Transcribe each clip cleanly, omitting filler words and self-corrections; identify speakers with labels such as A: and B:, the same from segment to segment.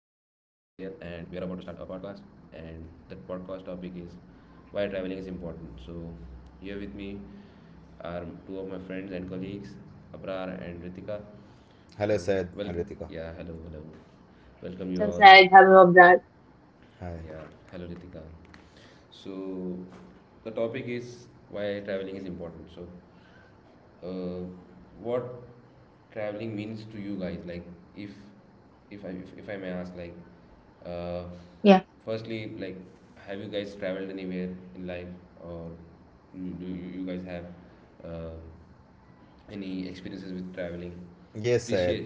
A: we are about to start a podcast. And the podcast topic is why traveling is important. So, here with me are two of my friends and colleagues, Abrar and Ritika.
B: Hello,
A: So,
B: Syed
A: well,
B: and Ritika.
A: yeah, hello, hello. Welcome you
C: So
A: all.
C: sad, having of that.
B: Hi.
A: Yeah, hello, Ritika. So, the topic is why traveling is important. So, uh, what traveling means to you guys, like, if if I may ask, like, uh,
C: Yeah.
A: firstly, like, have you guys traveled anywhere in life, or do you guys have uh, any experiences with traveling?
B: Yes,
A: Please
B: Syed.
A: share.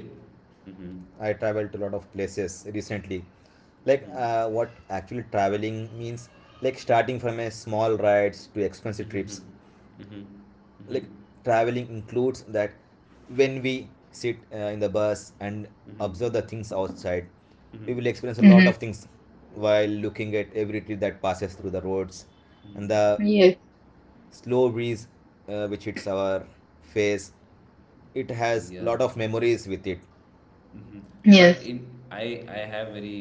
A: Mm-hmm.
B: I traveled to a lot of places recently. Like,
A: Mm-hmm.
B: what actually traveling means, like starting from a small rides to expensive
A: Mm-hmm.
B: trips.
A: Mm-hmm. Mm-hmm.
B: Like, traveling includes that when we sit in the bus and
A: Mm-hmm.
B: observe the things outside, we will
A: Mm-hmm.
B: experience a lot
C: Hmm.
B: of things while looking at every tree that passes through the roads and
A: Mm-hmm.
B: the
C: Yes.
B: slow breeze which hits our face. It has a
A: Yeah.
B: lot of memories with it.
A: Hmm. But
C: Yes.
A: in I have very,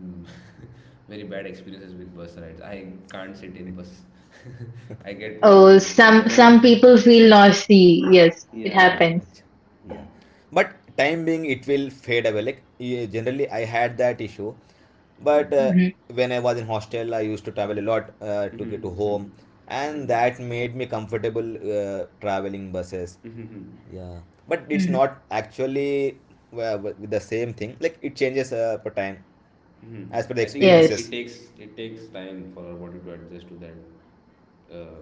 A: mm, very bad experiences with bus rides. I can't sit in bus. I get
C: Oh,
A: vomitings when
C: some
A: whenever.
C: some people feel naughty. Yes, it
A: Yeah.
C: happens.
B: Achha, yeah, but time being it will fade away. Like generally I had that issue, but
A: Hmm.
C: Hmm.
B: when I was in hostel I used to travel a lot to
A: Hmm.
B: get to
A: Hmm.
B: home,
A: Hmm.
B: and that made me comfortable traveling buses.
A: Hmm.
B: Yeah, but it's
C: Hmm.
B: not actually with the same thing. Like it changes per time,
A: Hmm.
B: as per the
A: I think it, it
C: Yes.
B: experiences.
A: takes it takes time for our body to adjust to that uh,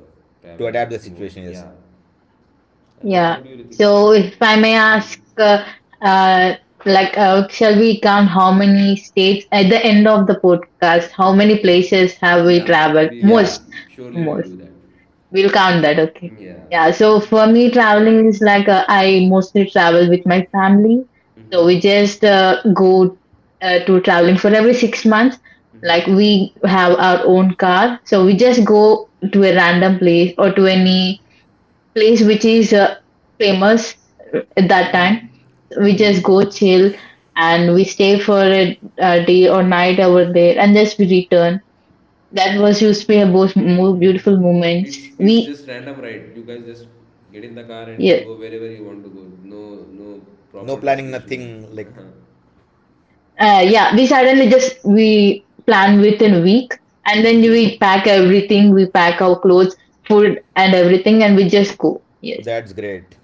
B: To
A: traveling
B: adapt the
A: mode.
B: situation, yes.
A: Yeah. And what
C: Yeah.
A: about you, Ritika?
C: So,
A: Like,
C: if I may
A: mhm.
C: ask, uh, like, shall we count how many states at the end of the podcast? How many places have we
A: Yeah,
C: traveled?
A: we
B: Yeah,
C: Most,
A: will surely will
C: most.
A: do that.
C: We'll count that, okay.
A: Yeah.
C: Yeah, so for me, traveling is like I mostly travel with my family. So we
A: Mm-hmm.
C: just go to traveling for every 6 months. Like we have our own car. So we just go to a random place or to any place which is famous at that time. We just go chill and we stay for a day or night over there and just we return. That was used to be a most more beautiful moments.
A: It's
C: We
A: just random ride. You guys just get in the car and
C: yeah.
A: go wherever you want to go. No, no
B: no
A: proper
B: planning, nothing
A: destination.
B: like
A: Uh-huh.
C: Yeah, we suddenly just we plan within a week, and then
A: Hmm.
C: we pack everything. We pack our clothes, food, and everything, and we just go. Yes,
B: that's great,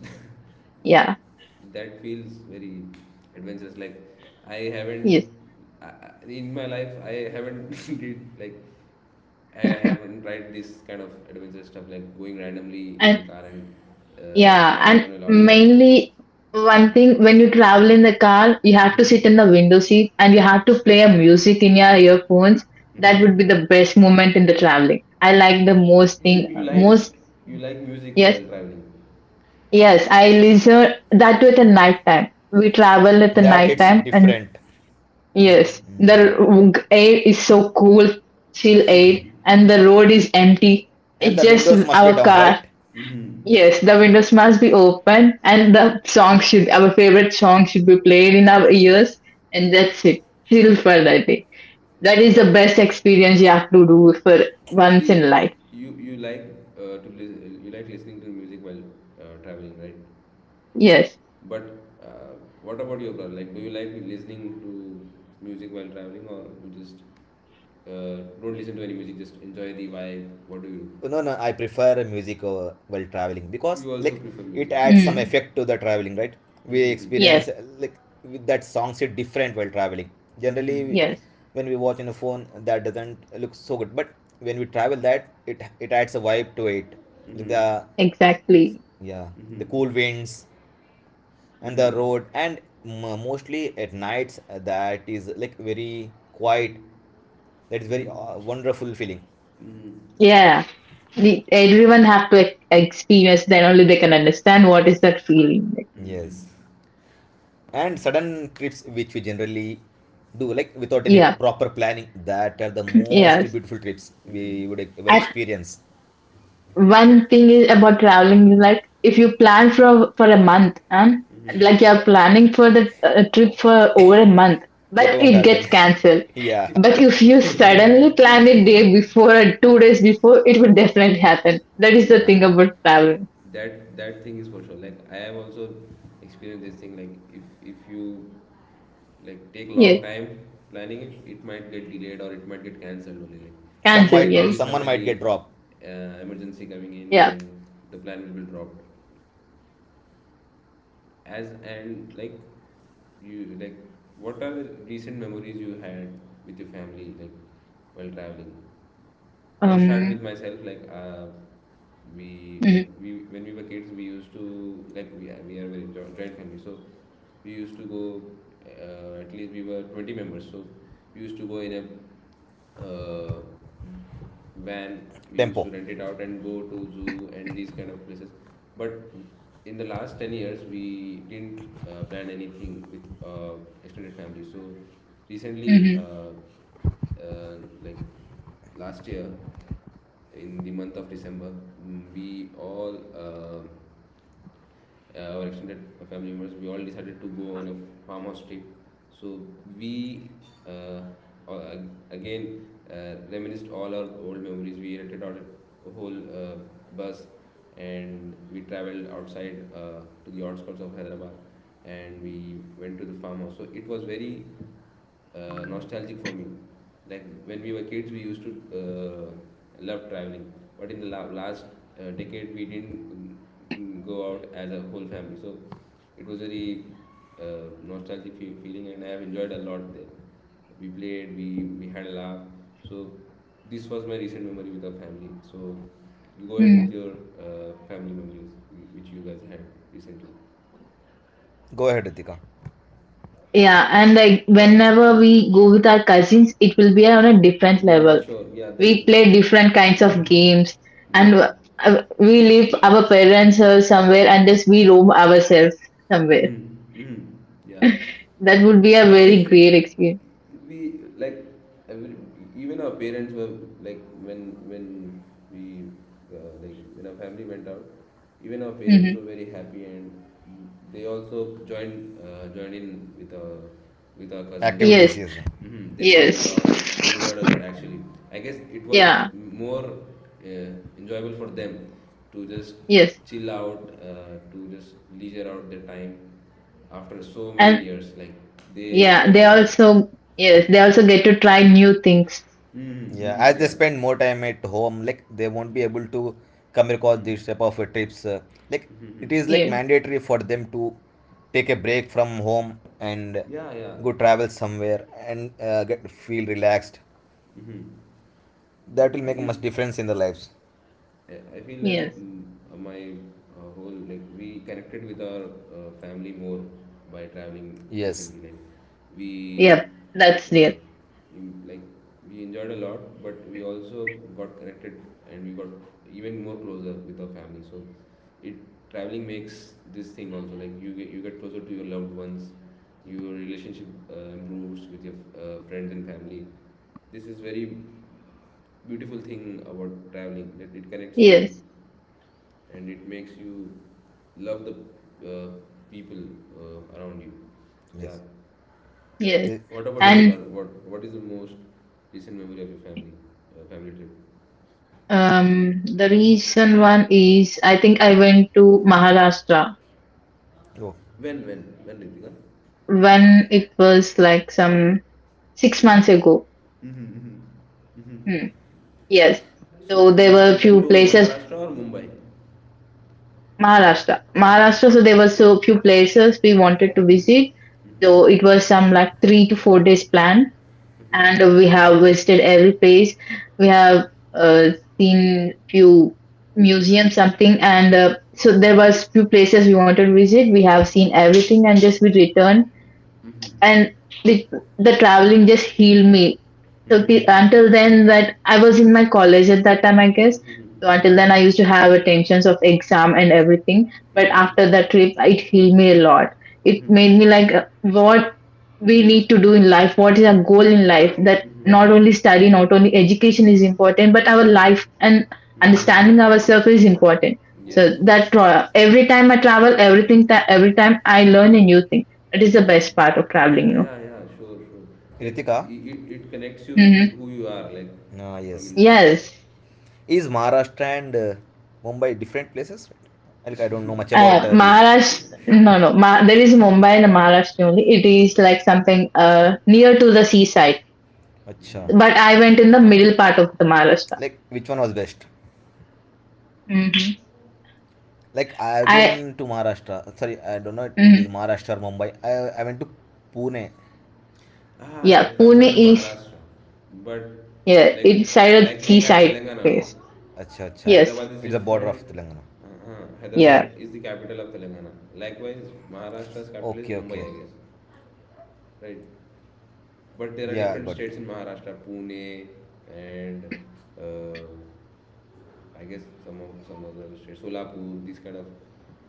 C: yeah,
A: That feels very adventurous. Like, I
C: yes,
A: haven't I- in my life I haven't did like I haven't tried this kind of adventurous stuff, like going randomly in the
C: and
A: car and
C: yeah,
A: going
C: and
A: on a long ride.
C: mainly one
A: Hmm.
C: thing when you travel in the car, you have to sit in
A: Hmm.
C: the window seat, and you have to play a music in your earphones. That
A: Hmm.
C: would be the best moment in the traveling. I like the most
A: You
C: thing,
A: you like
C: most.
A: you like music while
C: Yes,
A: traveling.
C: yes, I listen that with the night time. We travel at the
B: that
C: night
A: Mm-hmm.
B: it's
C: time and
B: different.
C: yes,
A: Mm-hmm.
B: Mm.
C: the air is so cool, chill air, and the road is empty.
B: And
C: It's
B: the
C: just
B: windows must be
C: our
B: down,
C: car.
B: right?
A: Mm-hmm.
C: Yes, the windows must be open, and the song should, our favorite song should be played in our ears, and that's it. Chill for that day. That
A: What
C: is
A: up?
C: the best experience you have to do for once in
A: See,
C: life.
A: you like to listen. You like listening to music while traveling, right?
C: Yes.
A: But uh, what about your brother? Like, do you like listening to music while traveling, or you just don't listen to any music? Just enjoy the vibe. What do?
B: No, no, I prefer music over while traveling because
A: You also
B: like
A: prefer
B: it
A: music.
B: adds some
A: Mm-hmm.
C: Mm.
B: effect to the traveling, right? We
A: Mm-hmm.
C: Yes,
B: experience, like with that songs it different while traveling.
A: Mm-hmm.
B: Generally,
C: yes,
B: when we watch on a phone, that doesn't look so good, but when we travel, that it adds a vibe to it. Like
A: Mm-hmm.
B: The
C: exactly.
B: yeah,
A: Mm-hmm.
B: the cool winds and the
A: Mm-hmm.
B: road, and mostly at nights, that is like very quiet.
A: Mm-hmm.
B: That is very
A: Mm-hmm.
B: wonderful feeling.
A: Mm.
C: Yeah, everyone have to experience. Then only they can understand what is that feeling.
B: Yes,
A: Hmm. Uh,
B: and sudden trips which we generally do like without any
C: Yeah.
A: mm-hmm,
B: proper planning, that are the most
C: Yes.
B: beautiful trips we would
A: mm-hmm,
B: ever
C: And
B: experience.
C: one thing is about traveling is like if you plan for a month and like
A: mm-hmm.
C: you're planning for the trip for over a month,
B: It
C: but
B: won't
C: it gets
B: happen.
C: cancelled.
B: Yeah,
C: But if you suddenly plan it day before or 2 days before, it would definitely happen. That is the
A: Yeah,
C: thing about traveling.
A: that thing is for sure. Like, I have also experienced this thing. Like, if if you, like, take long
C: Yes,
A: time planning it, it might get delayed or it might get cancelled only. Like, if
B: some
C: cancel.
A: there
B: might,
A: will
C: Yes,
A: be so
B: someone might
A: many
B: get dropped.
A: emergency coming in
C: yeah.
A: and the plan will be dropped. As and, like, you like, what are the recent memories you had with your family, like, while traveling? I'll start with
C: Um.
A: myself. Like, we,
C: Mhm,
A: like, we when we were kids, we used to like, we are very joint family, so we used to go. At least we were 20 members, so we used to go in a uh, van. We used to
B: Tempo.
A: rent it out and go to zoo and these kind of places. But in the last 10 years, we didn't plan anything with extended family. So recently,
C: mhm,
A: like last year in the month of December, we all, our extended family members, we all decided to go on a farmhouse trip. So we uh, uh, again reminisced all our old memories. We rented out a whole bus, and we traveled outside to the outskirts of Hyderabad, and we went to the farmhouse. So it was very nostalgic for me. Like, when we were kids, we used to love traveling, but in the last decade, we didn't go out as a whole family. So it was very nostalgic feeling, and I have enjoyed a lot there. We played, we had a laugh. So this was my recent memory with our family. So you go ahead with
C: mhm.
A: your family memories which you guys had recently.
B: Go ahead, Ritika.
C: Yeah, and like whenever we go with our cousins, it will be on a different
A: Yeah,
C: level.
A: sure. Yeah, that.
C: We play different kinds of
A: Mm-hmm.
C: games and
A: Yeah.
C: we leave our parents somewhere and just we roam ourselves somewhere.
A: Mm-hmm. Mm-hmm. Yeah.
C: That would be a very great experience.
A: We, like, every, even our parents were like, when we, like, when our family went out, even our parents
C: Hmm.
A: were very happy, and they also joined in with our cousins,
B: Activities,
C: Yes.
A: and
B: yes.
A: mhm, they played a
C: Yes.
A: lot. They enjoyed a lot actually. I guess it was
C: Yeah.
A: more enjoyable for them to just
C: Yes.
A: chill out, to just leisure out their time after so many
C: And
A: years. Like, they
C: yeah,
A: enjoyed a
C: they
A: lot.
C: also, yes, they also get to try new things.
A: Mm-hmm,
B: Yeah,
A: mm-hmm,
B: as they
A: yeah.
B: spend more time at home, like they won't be able to come across these type
A: Mm-hmm,
B: of trips. Like it is
A: mm-hmm.
B: like
C: Yeah.
B: mandatory for them to take a break from home and
A: Yeah, yeah.
B: go travel somewhere and get feel relaxed.
A: Mm-hmm.
B: That will
A: I
B: make
A: guess
B: much difference in their lives.
A: I feel like,
C: Yes.
A: my, whole, like, we connected with our family more by traveling
B: Yes.
A: recently. Like, we
C: Yep, that's
A: uh,
C: it.
A: in- like we enjoyed a lot, but we also got connected, and we got even more closer with our family. So it, traveling makes this thing also, like, you get closer to your loved ones, your relationship improves with your friends and family. This is very beautiful thing about traveling that it connects you
C: Yes.
A: and it makes you love the uh, people around you. So, yeah.
B: Yes.
C: Yes.
B: Ri-
A: What about you,
B: Ritik,
C: And
A: Abrar? What is the most recent memory of your family trip?
C: the recent one is I think I went to Maharashtra
B: oh,
A: When, Ritika?
C: when it was like some 6 months ago.
A: Mm-hmm. Hmm.
C: Hmm. Yes.
A: So
C: So there
A: you
C: were
A: you went
C: few
A: to
C: places,
A: Maharashtra or Mumbai?
C: Maharashtra. Maharashtra, so
A: Maharashtra.
C: there were so few places we wanted to
A: Mhm,
C: visit. So it
A: mhm,
C: was some like 3 to 4 days plan,
A: mhm,
C: and we
A: mhm,
C: have
A: mhm,
C: visited every place. We have uh, seen few museums, something, and so there
A: mhm,
C: was few places we wanted to visit. We have seen everything, and just we returned and the, the traveling just healed me. So the, until then, that I was in my college at that time, I guess.
A: mhm,
C: So
A: mhm,
C: until then,
A: mhm,
C: I used to have attentions of exam and everything. But after that trip, it healed me a lot. It made me like, what we need to do in life, what is our goal in life, that
A: mhm,
C: not only study, not only education is important, but our
A: mhm,
C: life
A: mhm,
C: and
A: mhm.
C: understanding ourselves is important. So
A: Yes.
C: that every time I travel everything, that every time I learn a new thing, it is the
A: Mm.
C: best part of traveling,
A: Yeah,
C: you know.
A: yeah, yeah, sure, sure. Like,
B: Ritika,
A: it connects you with
C: Hmm.
A: who you are, like,
B: ah,
A: from
B: yes.
A: inside.
C: Yes.
B: Is Maharashtra and Mumbai different places? Like I don't know much about
C: Uh,
B: this.
C: Maharashtra, no, no, there is Mumbai and Maharashtra only. It is like something near to the seaside.
B: Acha.
A: Hmm.
C: But I went in the middle part of the Maharashtra.
B: Like which one was best?
C: Hmm.
B: Like I've
C: I,
B: been to Maharashtra. Sorry, I don't know it, it is
C: mhm.
B: Maharashtra or Mumbai. I went to Pune.
A: Ah,
C: Yeah,
A: that comes
C: Pune
A: under
C: is.
A: Maharashtra. But,
C: Yeah,
A: like
C: inside a
A: like we have
C: seaside
A: Telangana, no?
C: place.
B: Acha, acha.
C: Yes.
A: Hyderabad is
B: It's the border
A: different.
B: of Telangana.
A: Uh-huh.
C: Yeah.
A: Hyderabad is the capital of Telangana. Likewise, Maharashtra's capital is
B: Okay, okay.
A: Mumbai, I guess. Right. But there are
B: Yeah, I
A: different
B: got it.
A: states in Maharashtra, Pune, and uh, I guess some other states, Solapur, these kind of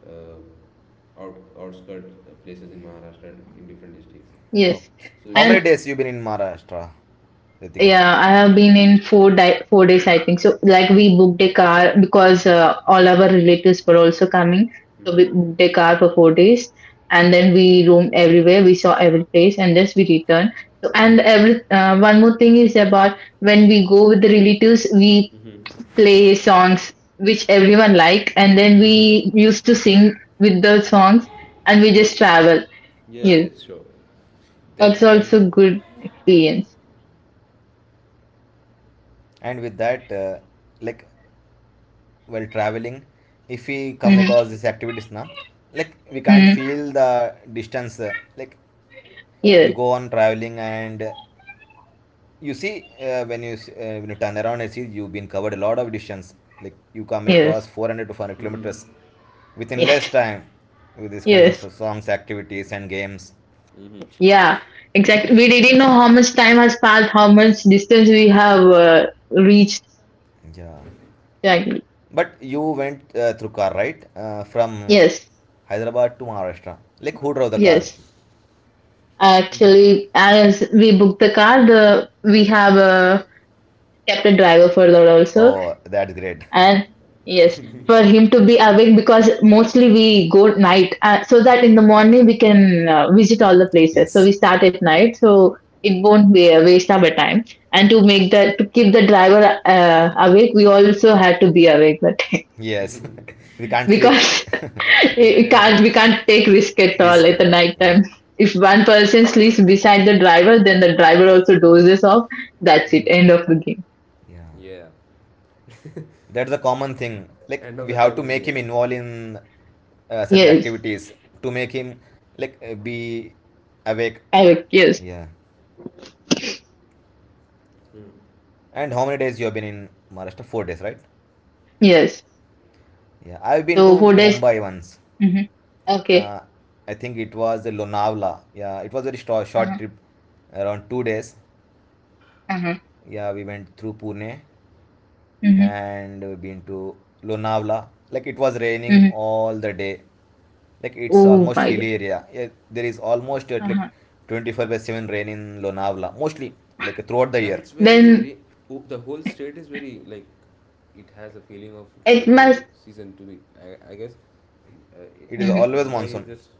A: uh, outskirt places in Maharashtra in different districts.
C: Yes,
B: Okay.
A: So,
B: How
C: and
B: many days you been in Maharashtra, Ritika?
C: yeah, I have been in 4 days, I think. So like we booked a car because
A: mhm,
C: all our relatives were also coming, so we booked
A: mhm,
C: a car for 4 days, and then we roamed everywhere. We saw every place, and thus we returned. So
A: mhm.
C: and every one more thing is about when we go with the relatives, we play songs which everyone like, and then we used to sing with the songs, and we just travel.
A: Yes,
C: Yes,
A: yes, sure.
C: that's
A: That that
C: also good experience.
B: And with that, like while traveling, if we come across
C: Mm-hmm.
B: these activities now, like we can't
C: Hmm.
B: feel the distance. Like you
C: Yes,
B: go on traveling and you see when you turn around and see you've been covered a lot of distance, like you come
C: yes,
B: across 400 to 500 kilometers within less
C: yes,
B: time with these kinds
C: yes.
B: of songs, activities and games.
C: Yeah, exactly. We didn't know how much time has passed, how much distance we have reached.
B: Yeah,
C: Exactly.
B: but you went through car, right? From
C: Yes,
B: Hyderabad to Maharashtra, like who drove the car?
C: yes. Actually, as we booked the car, the we have kept a driver for that also.
B: Oh, that's great.
C: And yes, for him to be awake because mostly we go at night, so that in the morning we can visit all the places, so
B: Yes,
C: we start at night so it won't be a waste of a time. And to make that, to keep the driver awake, we also had to be awake but
B: yes. We can't sleep.
C: because it
A: Entertain
C: can't, we
A: ourselves.
C: can't take risk at all
B: Risk
C: at
B: at
C: the
B: all,
C: night
B: yeah.
C: time. If one person sleeps beside the driver, then the driver also dozes off. That's it, end of the game.
B: Yeah,
A: Yeah,
B: that's a common thing. Like
A: end of
B: we
A: the
B: have
A: time
B: to
A: is
B: make
A: near.
B: him involved in such
C: Yes,
B: activities to make him like be awake.
C: awake. Yes.
B: Yeah.
A: Hmm.
B: And how many days you have been in Maharashtra, 4 days, right?
C: Yes,
B: Yeah, I've been to
C: so 4 days.
B: Mumbai once.
C: Mhm. Okay.
B: uh, I think it was Lonavala. Yeah, it was very short
C: Uh-huh.
B: trip, around 2 days.
C: Uh-huh.
B: Yeah, we went through Pune
C: Mhm.
B: and we've been to Lonavala. Like it was raining
C: Mhm.
B: all the day. Like it's
C: Oh
B: almost
C: my God.
B: hilly area. Yeah, there is almost at like
C: Uh-huh.
B: 24 by 7 rain in Lonavala, mostly like throughout the
A: Yeah.
B: year.
A: It's very
C: Then
A: oh, the whole state is very, like, it has a feeling of
C: it
A: rainy
C: must,
A: season to it. I guess, um, uh, it-
B: It is
C: mhm.
B: always
A: Mumbai is
B: monsoon.
A: just,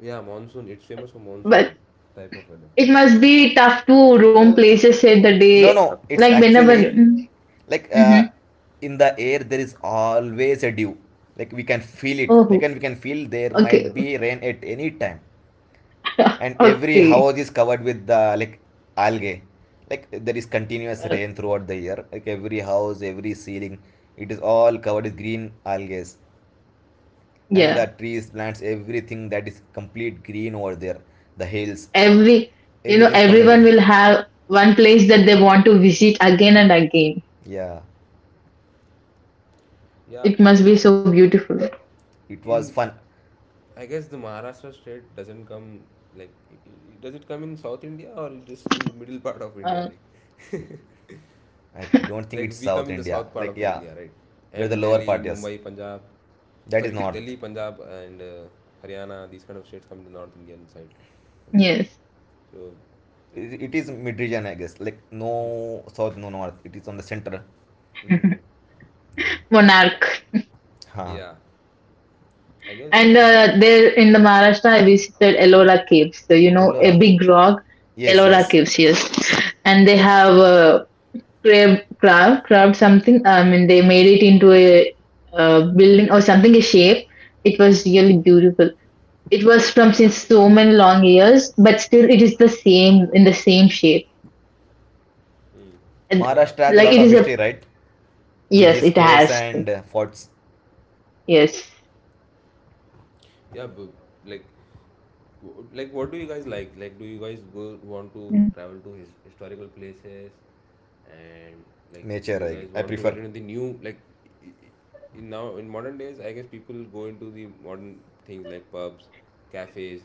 A: yeah, monsoon. It's famous for
C: But
A: monsoon type of weather.
C: it must be tough to roam places at the
B: No,
C: day,
B: no, it's
C: like whenever.
B: actually
C: Mm-hmm.
B: like in the air there is always a dew. Like we can feel it. Like
C: Oh,
B: and we can feel there
C: okay.
B: might be rain at any time. And every
C: Okay.
B: house is covered with the like algae. Like there is continuous
C: Uh,
B: rain throughout the year. Like every house, every ceiling, it is all covered with green algae, and the
C: yeah.
B: trees, plants, everything that is complete green over there. The hills,
C: Every, you know,
B: everything is covered in
C: everyone
B: green.
C: will have one place that they want to visit again and again.
B: Yeah,
A: Yeah,
C: It must be so beautiful.
B: it was
A: in
B: fun.
A: I guess the Maharashtra state doesn't come, like, does it come in South India, or it just in the middle part of India?
C: Uh,
A: Like
B: I don't think
A: like
B: it's
A: we
B: South
A: come in the
B: India.
A: south part
B: Like
A: of the
B: yeah,
A: India, right?
B: where the
A: And
B: lower
A: Delhi,
B: part is.
A: Mumbai, Punjab,
B: That is
A: sorry, Delhi,
B: North.
A: Punjab, and Haryana. These kind of states come in the North Indian side of things.
C: yes.
A: So,
B: It is mid region, I guess. Like no South, no North. It is on the center.
C: Monarch.
B: Ha,
A: yeah, I guess,
C: And
A: mm,
C: there in the Maharashtra, I visited Ellora Caves. So, you know,
B: Ellora.
C: a big rock,
B: Yes,
C: Ellora
B: yes.
C: Caves, yes. And they have a crab something. I mean, they made it into a, uh, building or something, a shape. It was really beautiful. It was from since so many long years, but still it is the same in the same shape. And
A: yeah.
B: Maharashtra has a
C: like
B: lot
C: it
B: of
C: is a,
B: history, right? With
C: yes,
B: these
C: it
B: caves
C: has.
B: and forts.
C: Yes.
A: Yeah, but, like, like, what do you guys like? Like, do you guys go want to travel to historical places, and, like, do you
B: Nature,
A: guys
B: I
A: want to get
B: prefer.
A: into the new, like? I- In now in modern days, I guess people go into the modern things like pubs, cafes,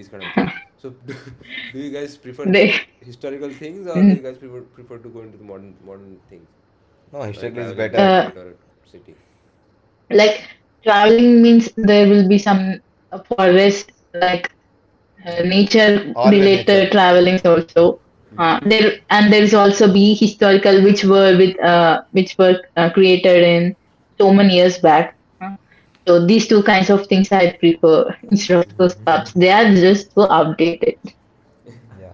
A: these kind of things. So, do you guys prefer
C: They
A: historical things, or
C: mm,
A: do you guys prefer to go into the modern things
B: No,
A: while
B: historically is
A: traveling to a
B: better.
C: uh,
A: state or a city?
C: like traveling means there will be some forest like nature
B: Always nature.
C: related travelings also there, and there is also be historical which were with which were created in so many years back, uh, so these two kinds of things I prefer instead of those pubs. They are just so outdated.
B: Yeah.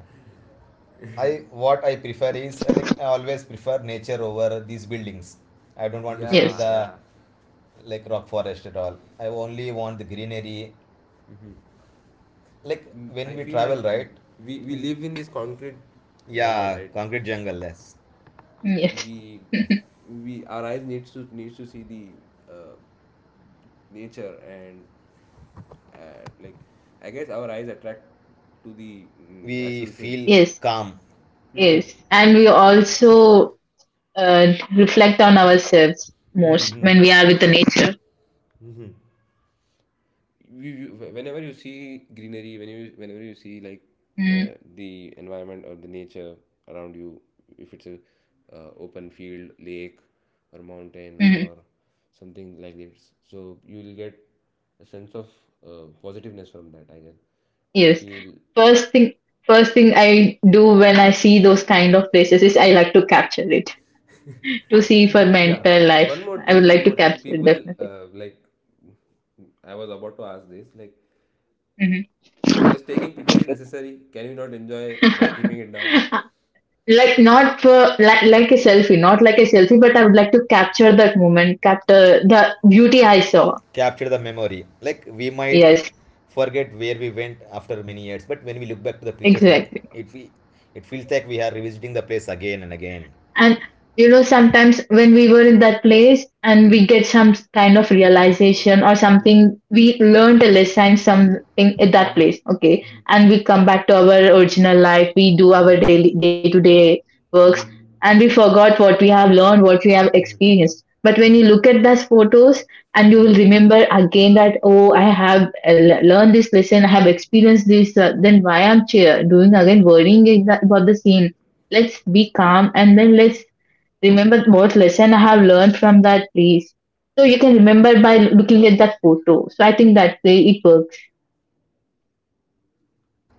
B: I what I prefer is like I always prefer nature over these buildings. I don't want to see
A: Yeah,
C: Yes,
B: the
A: yeah.
B: like rock forest at all. I only want the greenery. Like when
A: I
B: we
A: feel like,
B: travel, right?
A: we live in this concrete jungle,
B: Yeah,
A: right?
B: concrete jungle. Yes,
C: yes,
A: We we, our eyes needs to see the nature and, like, I guess our eyes attract to the
B: we
A: natural things.
B: feel
C: yes,
B: calm.
A: Hmm,
C: yes. And we also reflect on ourselves most when
A: hmm.
C: we are with the nature.
A: You, whenever you see greenery, whenever you see, like,
C: Mm-hmm.
A: the environment or the nature around you, if it's a open field, lake or mountain or something like this, so you will get a sense of positiveness from that, I guess, you
C: Yes.
A: feel,
C: First thing first thing I do when I see those kind of places is I like to capture it to see for my
A: yeah.
C: entire life.
A: one more
C: I would
A: thing one
C: like to
A: more thing
C: capture it
A: people,
C: definitely.
A: like, I was about to ask this, like,
C: Mhm.
A: does taking picture is necessary, can you not enjoy by keeping it down?
C: Like not for like a selfie, not like a selfie, but I would like to capture that moment, capture the beauty I saw.
B: Capture the memory. Like we might
C: Yes,
B: forget where we went after many years, but when we look back to the pictures, night
C: exactly.
B: it we, it feels like we are revisiting the place again and again.
C: And you know, sometimes when we were in that place and we get some kind of realization or something, we learned a lesson, something at that place. Okay. And we come back to our original life. We do our daily, day to day works, and we forgot what we have learned, what we have experienced. But when you look at those photos, and you will remember again that, oh, I have learned this lesson, I have experienced this, then why I'm cheer doing again, worrying about the same. Let's be calm, and then let's remember what lesson I have learned from that place. So you can remember by looking at that photo. So I think that way it works.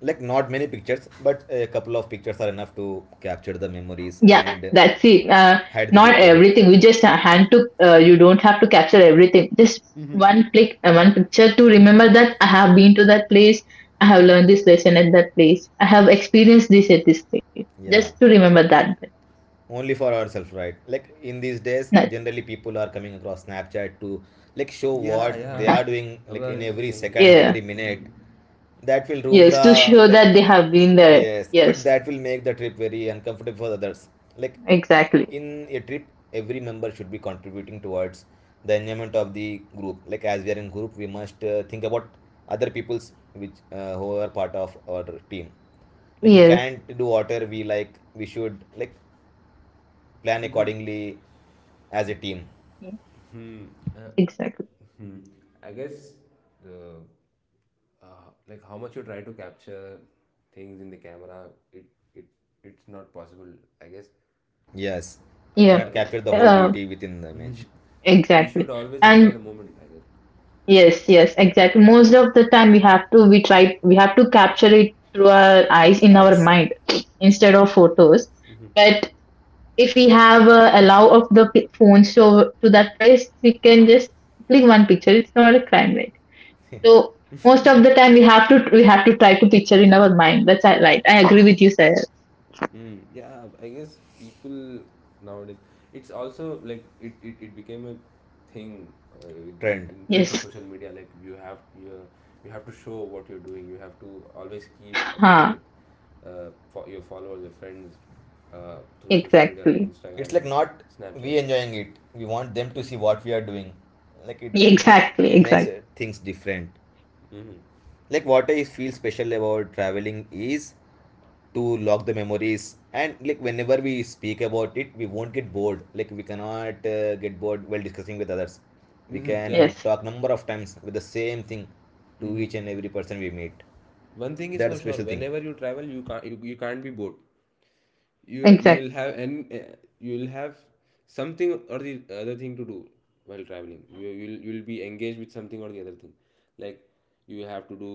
B: Like, not many pictures, but a couple of pictures are enough to capture the memories
C: Yeah,
B: and
C: that's it.
B: hide the
C: Not
B: beauty about it.
C: everything. We just hand to. You don't have to capture everything. Just one click, one picture to remember that I have been to that place. I have learned this lesson at that place. I have experienced this at this place. Just
B: Yeah,
C: to remember that bit.
B: only for ourselves, right? Like in these days
C: That-
B: generally people are coming across Snapchat to like show
A: Yeah,
B: what
A: yeah.
B: they are doing, like
A: Abrar
B: in
A: is
B: every
A: saying
B: second,
A: correct.
C: yeah.
B: every minute.
A: Mm-hmm.
B: That will ruin
C: Yes.
B: the
C: To show
B: like,
C: that they have been there.
B: yes, but
C: Yes.
B: that will make the trip very uncomfortable for others. Like
C: Exactly.
B: in a trip, every member should be contributing towards the enjoyment of the group. Like as we are in group, we must think about other people's, which who are part of our team. Like we
C: Yes,
B: can't do whatever we like. We should like plan accordingly, as a team.
A: Hmm.
C: exactly.
A: Hmm. I guess, the uh, like, how much you try to capture things in the camera, it it it's not possible. I guess
B: Yes, it
C: Yeah,
A: our,
B: cannot capture the whole
A: yeah.
C: uh,
B: beauty within the image.
A: We should
C: exactly.
A: always enjoy
C: And
A: the moment, I guess.
C: yes, yes, exactly. Most of the time, we have to, we try, we have to capture it through our eyes in our
B: Eyes.
C: mind instead of photos. But if we have a allow of the phones to that place, we can just click one picture. It's not a crime, right? So most of the time, we have to, we have to try to picture in our mind. Right. I agree with you, sir.
A: Yeah, I guess people nowadays, it's also like, it became a thing, with the
B: Trend.
A: influence of
C: Yes.
A: social media. Like, you have to show what you're doing. You have to always keep updating
C: Huh.
A: the for your followers, your friends, through social media like
C: Exactly.
B: It's
A: Instagram
B: like
A: or
B: not
A: Snapchat.
B: we enjoying it. We want them to see what we are doing. Like it it,
C: Exactly.
B: it makes
C: Exactly.
B: things different.
A: Mm-hmm.
B: Like what I feel special about traveling is to log the memories, and like whenever we speak about it we won't get bored. Like we cannot get bored while discussing with others. We
A: Mm-hmm, yeah.
B: can
C: Yes.
B: talk number of times with the same thing, to each and every person we meet.
A: One thing is
B: That's
A: for
B: a
A: sure,
B: special thing.
A: whenever you travel, you can't be bored. You will
C: Exact.
A: have, and you will have something or the other thing to do while traveling, you'll be engaged with something or the other thing. Like, you have to do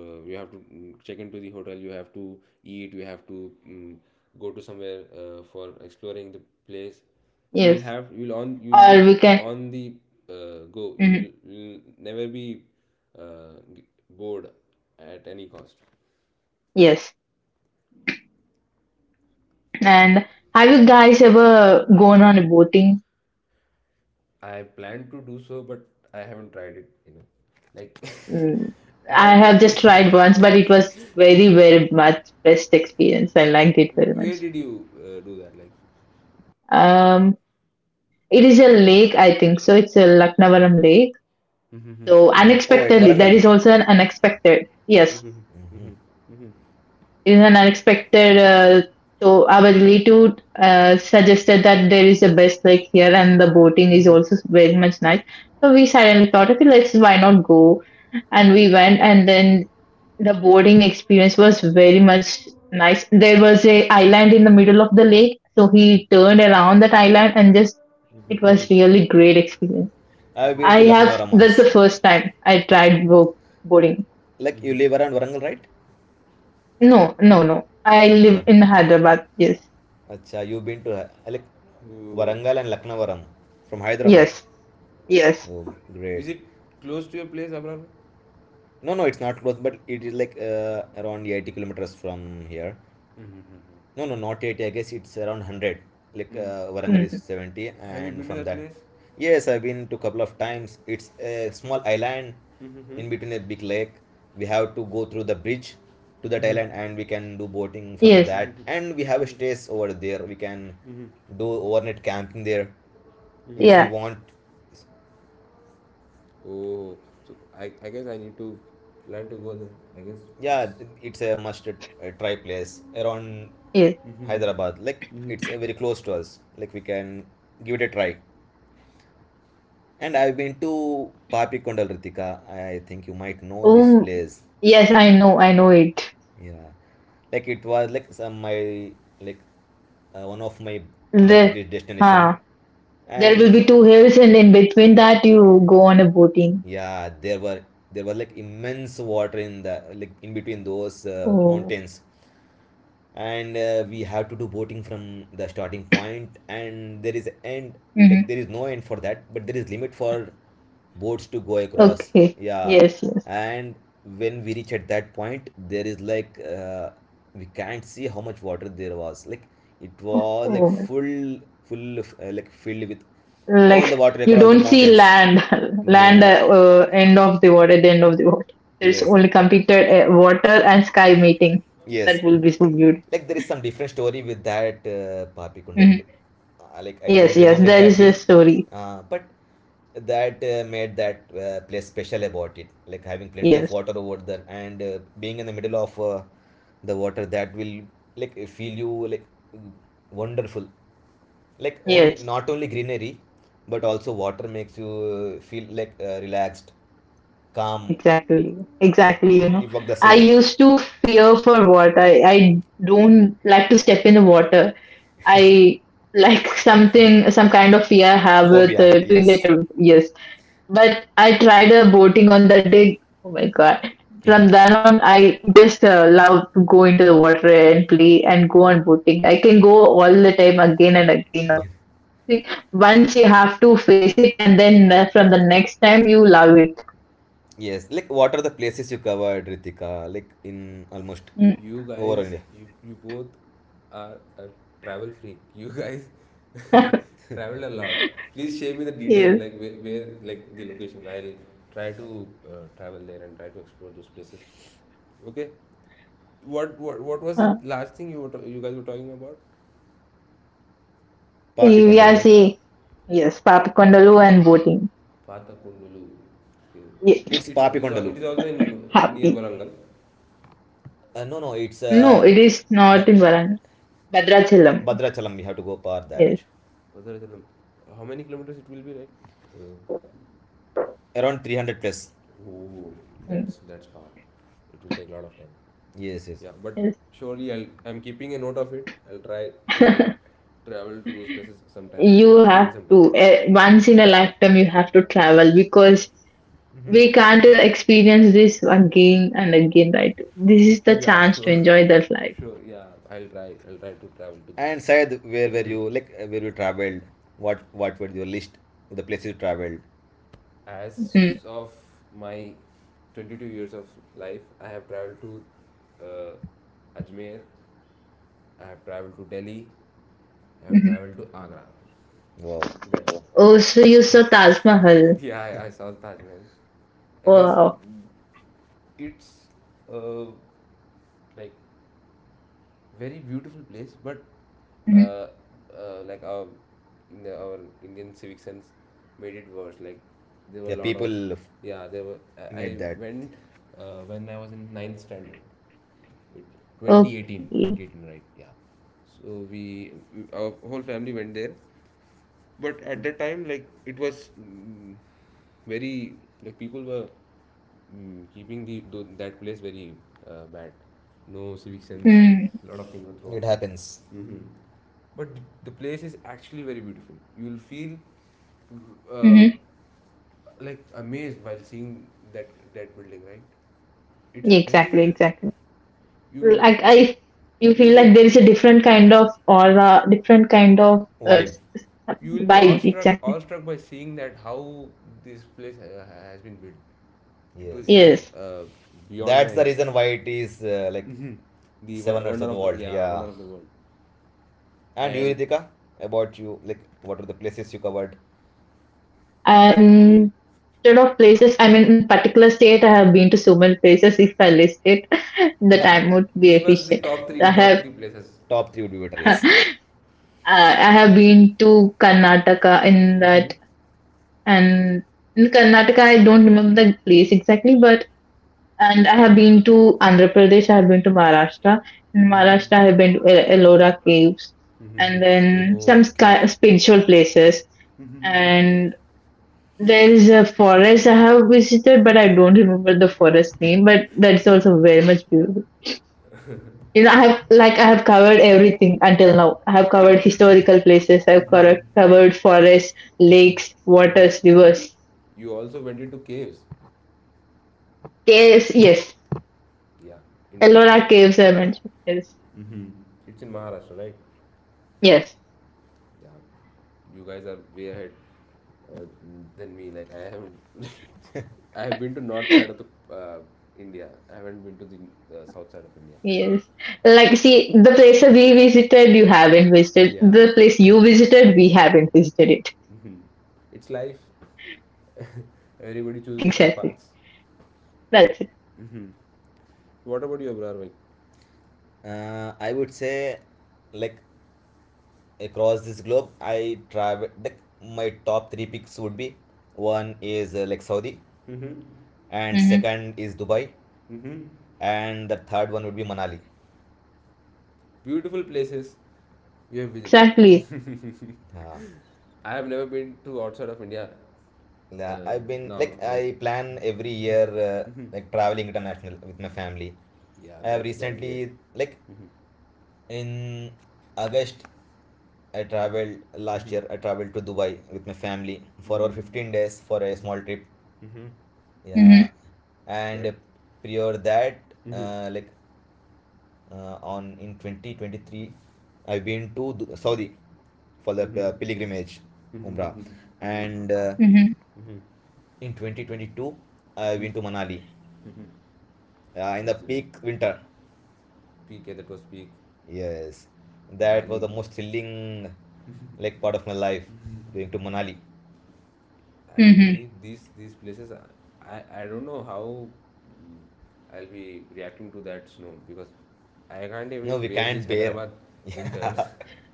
A: you have to mm, check into the hotel, you have to eat, you have to, go to somewhere, for exploring the place. you'll
C: Yes.
A: have you'll on you'll be
C: Or we can.
A: on the go, you'll,
C: Mhm.
A: you'll never be uh, g- bored at any cost.
C: Yes. And have you guys ever gone on a boating?
A: I plan to do so, but I haven't tried it enough. Like,
C: Mm,
A: I
C: I
A: am
C: have
A: very.
C: just tried once, but it was very, very much best experience. I liked it very
A: Where
C: much.
A: did you do that? Like,
C: Um, it is a lake, I think. So it's a Laknavaram lake. So
B: Oh, at
C: unexpectedly, that
B: varangal
C: is also an unexpected. Yes. In an unexpected so our relative suggested that there is a best lake here and the boating is also very much nice. So we suddenly thought, okay, let's why not go. And we went, and then the boarding experience was very much nice. There was a island in the middle of the lake, so he turned around that island and just it was really great experience.
B: I've been
C: I
B: to Lucknow
C: have That's
B: once.
C: the first time I tried boarding.
B: Like you
A: Mm-hmm.
B: live around varangal right?
C: No, I live
B: Acha,
C: in Hyderabad. Yes.
B: acha, you've been to, like
A: Oh.
B: varangal and Lucknowaram, from Hyderabad.
C: Yes. Yes.
B: Oh, great.
A: Is it close to your place, Abrar?
B: No, no, it's not close, but it is like around 80 kilometers from here. No, no, not 80. I guess it's around 100. Like Warangal is
C: Mhm.
B: 70,
A: Have you
B: and
A: been to
B: from
A: that
B: that,
A: place?
B: yes, I've been to couple of times. It's a small island
A: Mm-hmm.
B: in between a big lake. We have to go through the bridge to that island, and we can do boating from
C: Yes,
B: that. And we have a stays over there. We can do overnight camping there if we
C: yeah,
B: want.
A: Oh, so I guess I need to plan to go there. I guess
B: Yeah,
A: it's
B: it's a must try place around
C: yes.
B: Hyderabad. Like it's very close to us. Like we can give it a try. And I've been to Papikondal, Ritika. I think you might know this
C: Oh,
B: place.
C: yes, I know it.
B: Yeah. Like it was like some my like one of my bucket
C: The,
B: list destination.
C: huh, there will be
B: And
C: two hills, and in between that, you go on a boating.
B: yeah, there were like immense water in the like in between those
C: Oh.
B: mountains. And we have to do boating from the starting point, and there is end. Like
C: Hmm.
B: there is no end for that, but there is limit for boats to go across.
C: Okay,
B: Yeah.
C: yes, yes.
B: And when we reach at that point, there is like we can't see how much water there was. Like it was like
C: Oh,
B: full of, like filled with all the
C: like
B: water
C: you
B: across the
C: don't see
B: mountains.
C: land, land
B: No.
C: end of the water, at the end of the water. There's
B: Yes,
C: only computer water and sky meeting. That
B: yes,
C: will be so beautiful.
B: like there is some different story with that Papi
C: Mhm.
B: Kundal. Like I
C: Yes,
B: don't
C: yes,
B: remember
C: there is a
B: exactly,
C: story.
B: but that made that place special about it. Like having plenty of
C: Yes,
B: water over there and being in the middle of the water, that will like feel you like wonderful. Like only
C: yes.
B: not only greenery, but also water makes you feel like relaxed, calm.
C: Exactly,
B: Yeah,
C: exactly. You
B: it,
C: know,
B: it worked the
C: I
B: same.
C: used to fear for water. I don't like to step in the water. I like something, some kind of fear I have with
B: Phobia, yes.
C: related with, yes. But I tried a boating on that day. Oh my God. From then on, I just love to go into the water and play and go on boating. I can go all the time, again and again. Now, see, once you have to face it, and then from the next time, you love it.
B: Yes, like what are the places you covered, Ritika? Like in almost
C: Mm.
A: you
B: over
A: guys
B: India.
A: you you both are a travel freak. You guys traveled a lot. Please share me the details,
C: Yes.
A: like where, like the locations. I'll try to travel there and try to explore those places. Okay, what was
C: Uh.
A: it, last thing you were you guys were talking about?
B: Papikondalu,
C: Yes,
B: right?
C: yes, Papakondalu and boating.
A: Pathakundulu. It,
C: Ye-
B: It's
A: it's al- it
B: Papikondalu.
A: is also in near
C: Happy.
A: Varangal.
B: No, no, it's
C: No, it is not
B: ba-
C: in Varan. Bhadrachalam.
B: Bhadrachalam. We have to go par
C: Yes.
B: that.
A: Padarajalam. How many kilometers it will be, right? Uh,
B: Around 300 plus.
A: oh,
C: Mm.
A: that's far. It will take a lot of time.
B: Yes, yes.
A: Yeah, but
C: Yes.
A: surely I'm keeping a note of it. I'll try to travel to those places sometime.
C: You
A: In
C: have
A: some time,
C: to,
A: right?
C: eh, once in a lifetime, you have to travel, because we can't experience this again and again, right? This is the
A: Yeah,
C: chance to
A: sure,
C: enjoy that life.
A: sure. Yeah, I'll try. I'll try to travel to this.
B: And Syed, where were you? Like where you traveled? What were your list? The places you traveled.
C: Mhm,
A: As of my 22 years of life, I have traveled to Ajmer. I have traveled to Delhi. I have
C: mhm.
A: traveled to Agra.
B: Wow.
A: That's all.
C: Oh, so you saw Taj Mahal.
A: Yeah, I saw Taj Mahal. I guess
C: Wow.
A: it's uh, like very beautiful place, but
C: Mhm.
A: uh, uh, like our our Indian civic sense made it worse. Like there were
B: Yeah,
A: a lot of,
B: people
A: yeah, there were,
B: made
A: I
B: that.
A: went when I was in ninth standard it, 2018,
C: Okay.
A: right? Yeah, so we our whole family went there, but at that time, like, it was very, like people were keeping the that place very bad. No civic sense.
C: Mm-hmm.
A: A lot of things were
B: It
A: thrown.
B: happens.
A: Hmm, but the place is actually very beautiful. You will feel uh,
C: Mm-hmm.
A: like amazed while seeing that building, right? It's
C: Exactly,
A: very,
C: exactly.
A: you'll
C: Like I you
A: you'll
C: feel
A: be
C: like there is a different kind of aura, different kind of
B: Vibe.
A: you will be
C: vibe, exactly.
A: awestruck by seeing that how this place has been built. It was,
B: Yes, yes.
C: Yes,
A: beyond
B: That's
A: my,
B: the reason why it is like
A: the
B: Seven
A: wo-
B: Earths of
A: wonder
B: the
A: of the
B: World.
A: yeah
B: Yeah.
A: wonder of the world.
B: And you,
A: And
B: Ritika, about you, like what were the places you covered?
C: and instead of places, I mean, in particular state, I have been to so many places. If I list it, the time would be
A: give us the
C: efficient.
A: top
C: I
A: 3, top
C: have
A: 3 places.
B: Top three would be better.
C: uh,
B: Yes.
C: I have been to Karnataka in that and. In Karnataka, I don't remember the place exactly, but and I have been to Andhra Pradesh, I have been to Maharashtra. In Maharashtra, I
A: Mm-hmm.
C: have been to Ellora Caves
A: Mm-hmm.
C: and then some
A: Oh, caves.
C: spiritual places. And there is a forest I have visited, but I don't remember the forest name. But that's also very much beautiful. You know, I have like I have covered everything until now. I have covered historical places. I have covered forests, lakes, waters, rivers,
A: You also went into caves?
C: caves. Yes,
A: Yeah,
C: Ellora
A: interesting.
C: Caves, I mentioned, yes,
A: Mm-hmm. It's in maharashtra, right?
C: yes.
A: Yeah, you guys are way ahead uh, than me. Like I have, I have been to north side of the uh, India. I haven't been to the south side of India.
C: Yes. Like, see, the places we visited, you haven't visited.
A: Yeah.
C: The place you visited, we haven't visited it.
A: Mhm. It's life. Everybody choose different
C: Exactly.
A: paths.
C: That's it.
A: Mhm. What about you, Abrarvik?
B: I would say, like across this globe, I travel. Like my top three picks would be one is like Saudi,
A: Mm-hmm.
B: and
C: Mm-hmm.
B: second is Dubai,
A: Mm-hmm.
B: and the third one would be Manali.
A: Beautiful places you have visited.
C: Exactly.
B: Uh,
A: I have never been to outside of India.
B: yeah,
A: Uh,
B: I've been
A: Now,
B: like
A: like,
B: I plan every year like traveling international with my family.
A: yeah,
B: I have
A: that's great.
B: recently like
A: Mm-hmm.
B: in August I traveled last year. I traveled to Dubai with my family for over
A: Mm-hmm.
B: 15 days for a small trip. Yeah,
C: Mm-hmm.
A: That.
B: and prior that, like on in 2023, I've been to Saudi for the
A: Mm-hmm.
B: pilgrimage, Umrah,
A: Mm-hmm. Mm-hmm.
B: and
C: Mm-hmm.
B: in 2022, I've
A: Mm-hmm.
B: been to Manali in the
A: That's great.
B: peak winter.
A: Peak, yeah, that was peak.
B: Yes, that was
A: Manali.
B: the most thrilling like part of my life going to Manali.
C: Mm-hmm.
A: Actually, these places, are, I don't know how, mm, I'll be reacting to that snow, because I can't
B: No,
A: even
B: we
A: bear this
B: can't bear.
A: Hyderabad winters.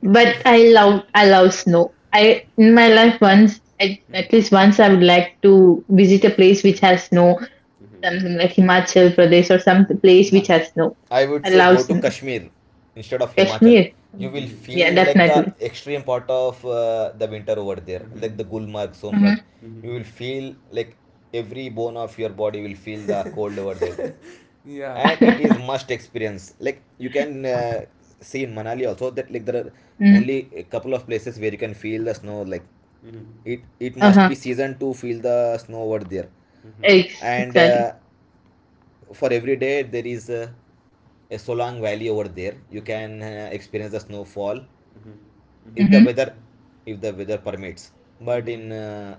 C: But I love snow. I, in my life, once, I, at least once, I would like to visit a
A: Experience
C: place
A: that.
C: which
A: Mhm.
C: has snow,
A: Mhm.
C: something like Himachal Pradesh or some
A: Mhm.
C: place which
A: Mhm.
C: has snow.
B: I would
C: I
B: say
C: love
B: go to
C: snow.
B: Kashmir instead of Himachal.
C: Kashmir.
B: You will
C: Yeah,
B: feel like the
C: definitely.
B: extreme part of the winter over there, like the
A: Mhm.
B: Gulmarg, Somrak. You will feel like every bone of your body will feel the cold over there,
A: Yeah,
B: and it
C: Mm-hmm.
B: is must experience. Like you can see in Manali also that like there are
C: Mm-hmm.
B: only a couple of places where you can feel the snow. Like it must
C: Uh-huh.
B: be season to feel the snow over there, and
C: Exactly.
B: for every day there is a Solang Valley over there. You can experience the snowfall if the
C: Mm-hmm.
B: weather if the weather permits. But in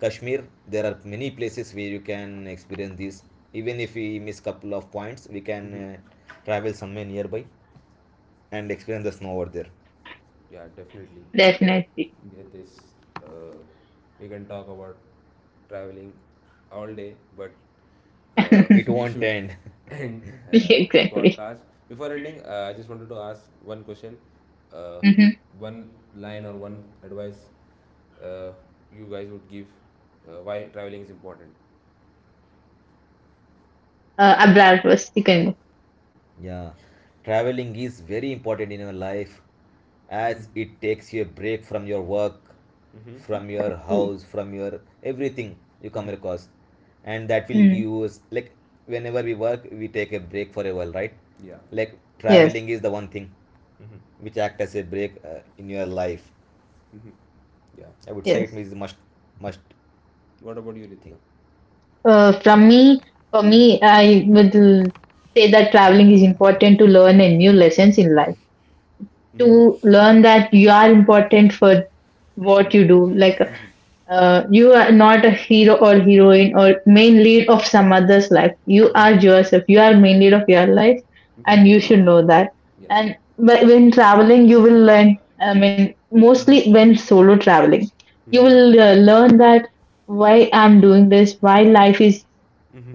B: Kashmir there are many places where you can experience this. Even if we miss couple of points, we can travel somewhere nearby and experience the snow over there.
A: yeah, definitely.
C: Definitely.
A: Yeah, this, uh, we can talk about traveling all day, but uh,
B: It
A: we
B: won't
A: should
B: end.
A: end
C: Yeah,
A: this
C: exactly.
A: podcast. Before ending, I just wanted to ask one question, uh,
C: Mm-hmm.
A: one line or one advice, uh, you guys would give why traveling is important.
C: Abrar first. You can go.
B: Yeah, traveling is very important in your life
A: Mm-hmm.
B: as it takes you a break from your work,
A: Mm-hmm.
B: from your
C: Mm.
B: house, from your everything you come across. And that will
C: Mm.
B: give us, like, whenever we work, we take a break for a while, right?
A: Yeah.
B: Like,
C: Yes.
B: traveling is the one thing
A: Mm-hmm.
B: which act as a break in your life.
A: Mm-hmm. Yeah.
B: I would say it
C: Yes.
B: is a must
A: What about you,
B: thing.
A: Ritika?
C: Uh, from me, for me, I would say that traveling is important to learn and new lessons in life. To learn that you are important for what you do. Like
A: Mm-hmm.
C: uh, you are not a hero or heroine or main lead of some other's life. You are yourself. You are main lead of your life, and you should know that.
A: Yeah.
C: And when traveling, you will learn. I mean, mostly when solo traveling, you will learn that why I'm doing this, why life is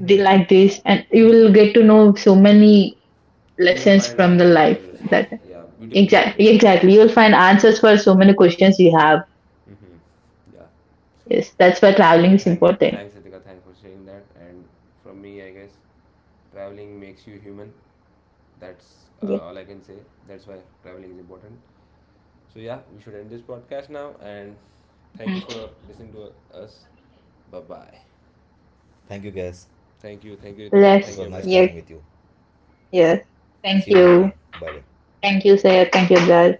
C: like this, and you will get to know so many
A: You will
C: lessons
A: find
C: from the
A: answers for
C: life.
A: yourself.
C: That
A: Yeah. Beautifully said,
C: exactly,
A: Ritika.
C: exactly, you will find answers for so many questions you have.
A: Mm-hmm. Yeah.
C: Yes, that's why traveling is
A: Thanks. Thanks,
C: important.
A: Ritika. Thanks for sharing that. And from me, I guess traveling makes you human.
C: Yes.
A: That's all I can say. That's why traveling is important. So, yeah, we should end this podcast now. And thank you for listening to us. Bye bye.
B: Thank you, guys.
A: Thank you. Thank you, Ritika.
C: Yes,
B: It
A: Thank
B: was
A: you,
B: nice
A: Abrar.
C: yes,
B: talking with you.
C: yes. Thank
B: See you next time.
C: you.
B: Bye bye.
C: Thank you, sir. Thank you, guys.